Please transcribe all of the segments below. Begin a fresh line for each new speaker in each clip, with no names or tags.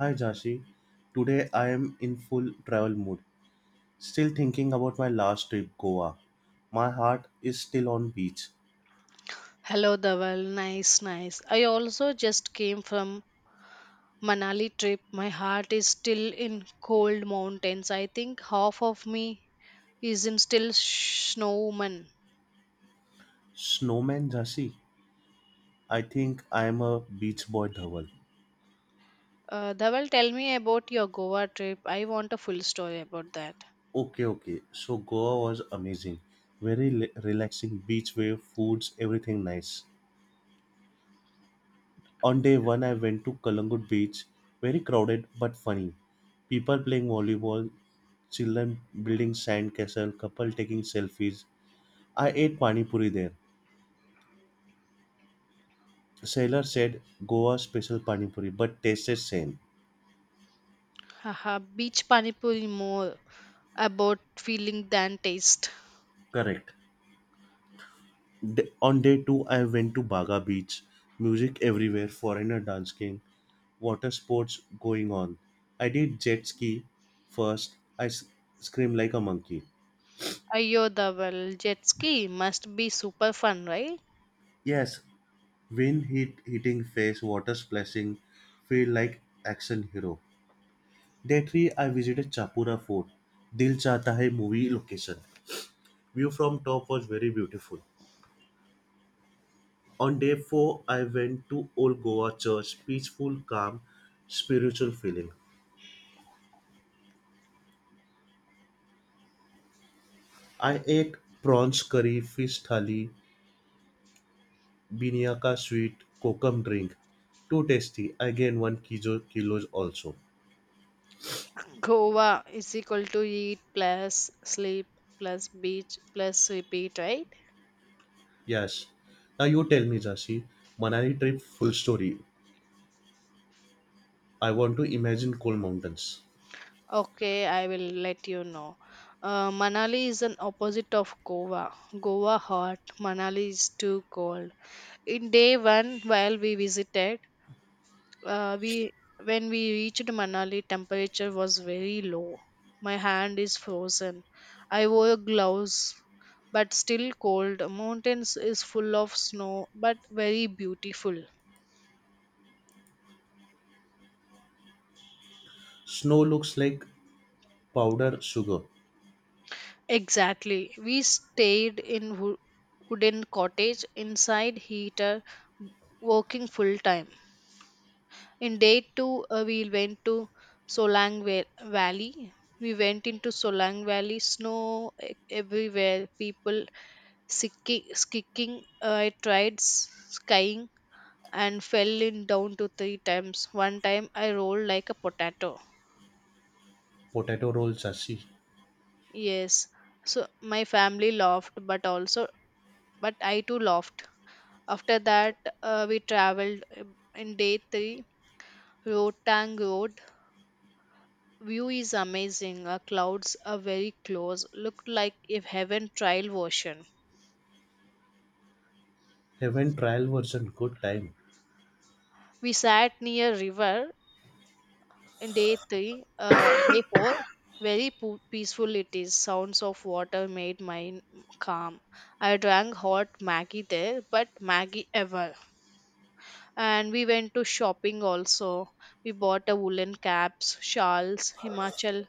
Hi Jashi, today I am in full travel mood. Still thinking about my last trip Goa. My heart is still on beach.
Hello, Dhaval. Nice, nice. I also just came from Manali trip. My heart is still in cold mountains. I think half of me is in still snowman.
Snowman Jashi, I think I am a beach boy Dhaval.
Dhaval, tell me about your Goa trip. I want a full story about that.
Okay, okay. So Goa was amazing. Very relaxing beach wave, foods, everything nice. On day 1 I went to Kalangut beach. Very crowded but funny. People playing volleyball, children building sand castle, couple taking selfies. I ate pani puri there. Sailor said Goa special pani puri, but tasted same.
Haha, beach panipuri more about feeling than taste.
Correct. On day two, I went to Baga Beach. Music everywhere, foreigner dance king, water sports going on. I did jet ski first. I screamed like a monkey.
Ayo, Dhaval, jet ski must be super fun, right?
Yes, wind hitting face, water splashing, feel like action hero. Day three, I visited Chapura Fort. Dil Chata Hai movie location. View from top was very beautiful. On day four, I went to Old Goa Church, peaceful, calm, spiritual feeling. I ate prawns curry, fish thali, binyaka sweet, kokum drink. Too tasty. Again, 1 kilo kilos also.
Goa is equal to eat plus sleep plus beach plus repeat, right?
Yes. Now you tell me, Jasi, Manali trip full story. I want to imagine cold mountains.
Okay, I will let you know. Manali is an opposite of Goa. Goa hot, Manali is too cold. In day one, while we visited, we when we reached Manali, temperature was very low. My hand is frozen. I wore gloves, but still cold. Mountains is full of snow, but very beautiful.
Snow looks like powdered sugar.
Exactly. We stayed in wooden cottage inside heater working full time. In day 2 we went to Valley. We went into Solang Valley snow everywhere people skiing. I tried skiing and fell in down to 3 times. One time I rolled like a potato.
Potato roll, Jasi.
Yes. So my family laughed but I too laughed. After that, we traveled in day three, Rotang Road. View is amazing. Our clouds are very close. Looked like if heaven trial version.
Heaven trial version, good time.
We sat near river in day three, day four. Very peaceful it is. Sounds of water made mine calm. I drank hot Maggie there, but Maggie ever. And we went to shopping also. We bought a woolen caps, shawls, Himachal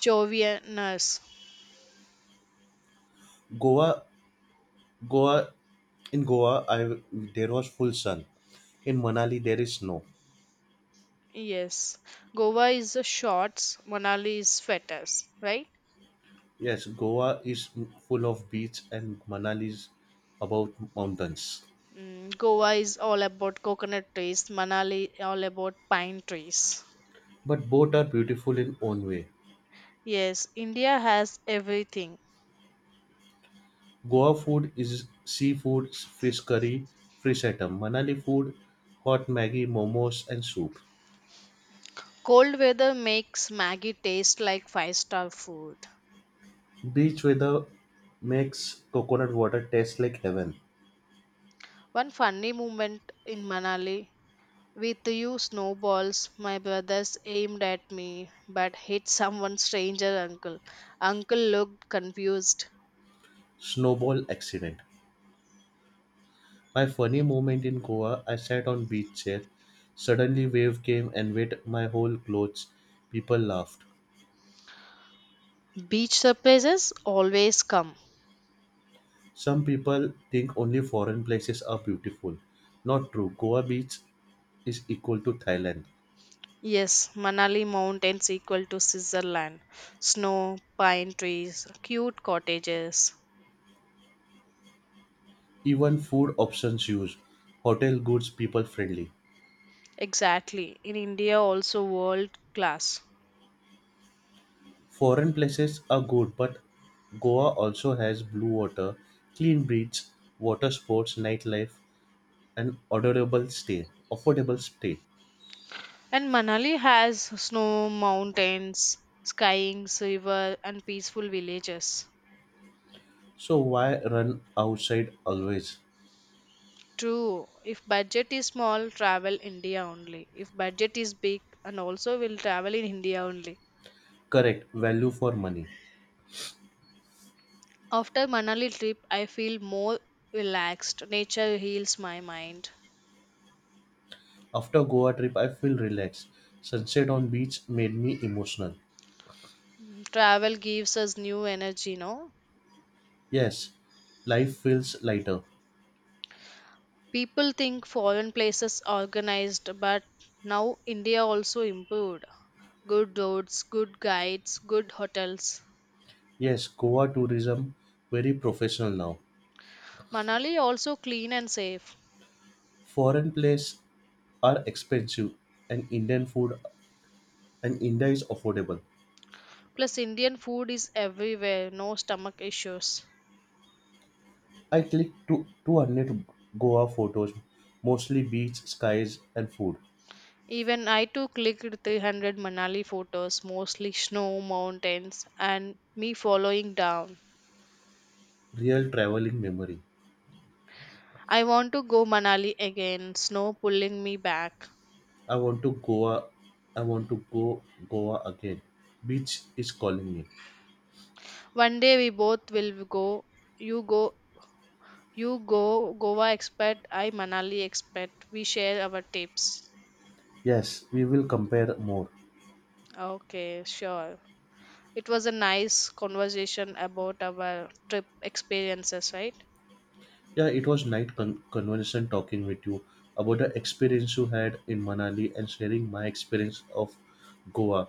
Chauvinus.
Goa Goa, in Goa, I there was full sun. In Manali, there is snow.
Yes. Goa is a shorts, Manali is fetters, right?
Yes, Goa is full of beach, and Manali is about mountains.
Mm, Goa is all about coconut trees, Manali all about pine trees.
But both are beautiful in own way.
Yes, India has everything.
Goa food is seafood, fish curry, fish item. Manali food, hot maggi, momos, and soup.
Cold weather makes Maggie taste like five-star food.
Beach weather makes coconut water taste like heaven.
One funny moment in Manali with you snowballs my brothers aimed at me but hit someone stranger uncle. Uncle looked confused.
Snowball accident. My funny moment in Goa, I sat on beach chair. Suddenly wave came and wet my whole clothes. People laughed.
Beach surprises always come.
Some people think only foreign places are beautiful. Not true. Goa beach is equal to Thailand.
Yes, Manali mountains equal to Switzerland. Snow, pine trees, cute cottages.
Even food options used. Hotel goods people friendly.
Exactly. In India also world class.
Foreign places are good, but Goa also has blue water, clean beach, water sports, nightlife, and adorable stay, affordable stay.
And Manali has snow, mountains, skiing, river and peaceful villages.
So why run outside always?
True. If budget is small, travel India only. If budget is big and also will travel in India only.
Correct, value for money.
After Manali trip, I feel more relaxed. Nature heals my mind.
After Goa trip I feel relaxed. Sunset on beach made me emotional.
Mm, travel gives us new energy, no?
Yes, life feels lighter.
People think foreign places organized, but now India also improved. Good roads, good guides, good hotels.
Yes, Goa tourism very professional now.
Manali also clean and safe.
Foreign places are expensive and Indian food and India is affordable.
Plus Indian food is everywhere, no stomach issues.
I clicked two 200 Goa photos, mostly beach, skies and food.
Even I too clicked 300 Manali photos, mostly snow, mountains, and me following down.
Real traveling memory.
I want to go Manali again, snow pulling me back.
I want to Goa. I want to go Goa again. Beach is calling me.
One day we both will go. You go, you go Goa expert, I Manali expert. We share our tips.
Yes, we will compare more.
Okay, sure. It was a nice conversation about our trip experiences, right?
Yeah, it was nice conversation talking with you about the experience you had in Manali and sharing my experience of Goa.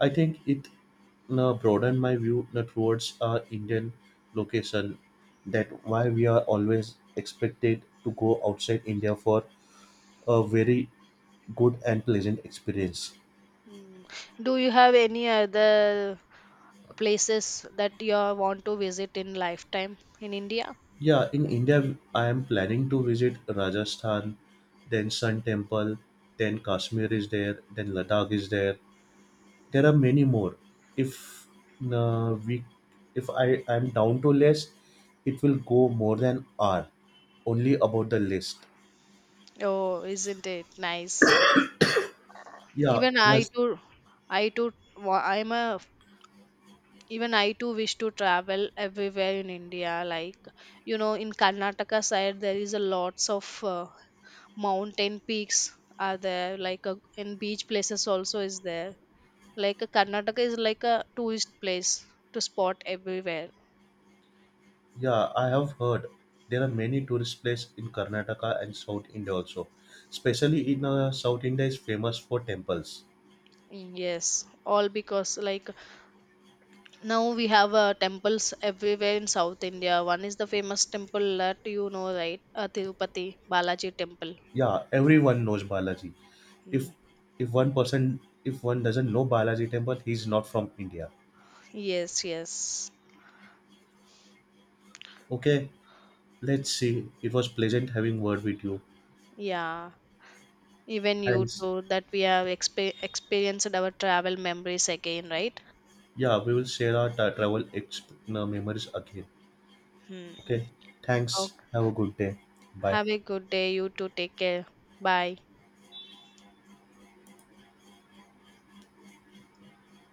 I think it broadened my view towards our Indian location. That why we are always expected to go outside India for a very good and pleasant experience.
Mm. Do you have any other places that you want to visit in lifetime in India?
Yeah, in India, I am planning to visit Rajasthan, then Sun Temple, then Kashmir is there, then Ladakh is there. There are many more. If uh, we, if I am down to list, it will go more than hour only about the list.
Oh, isn't it nice?
Yeah,
Even
yes.
I too, wa- I'm a even I too wish to travel everywhere in India, like, you know, in Karnataka side there is a lots of uh, mountain peaks are there, like, in beach places also is there, like, Karnataka is like a tourist place to spot everywhere.
Yeah, I have heard there are many tourist places in Karnataka and South India also. Especially in South India is famous for temples.
Yes, all because like now we have temples everywhere in South India. One is the famous temple that you know, right? Tirupati Balaji temple.
Yeah, everyone knows Balaji. if
Mm.
if one person, if one doesn't know Balaji Temple, he's not from India.
Yes, yes.
Okay, let's see. It was pleasant having word with you.
Yeah. Even you
Thanks.
too, that we have experienced our travel memories again, right?
Yeah, we will share our travel memories again.
Hmm.
Okay. Thanks.
Okay.
Have a good day. Bye.
Have a good day. You too. Take care. Bye.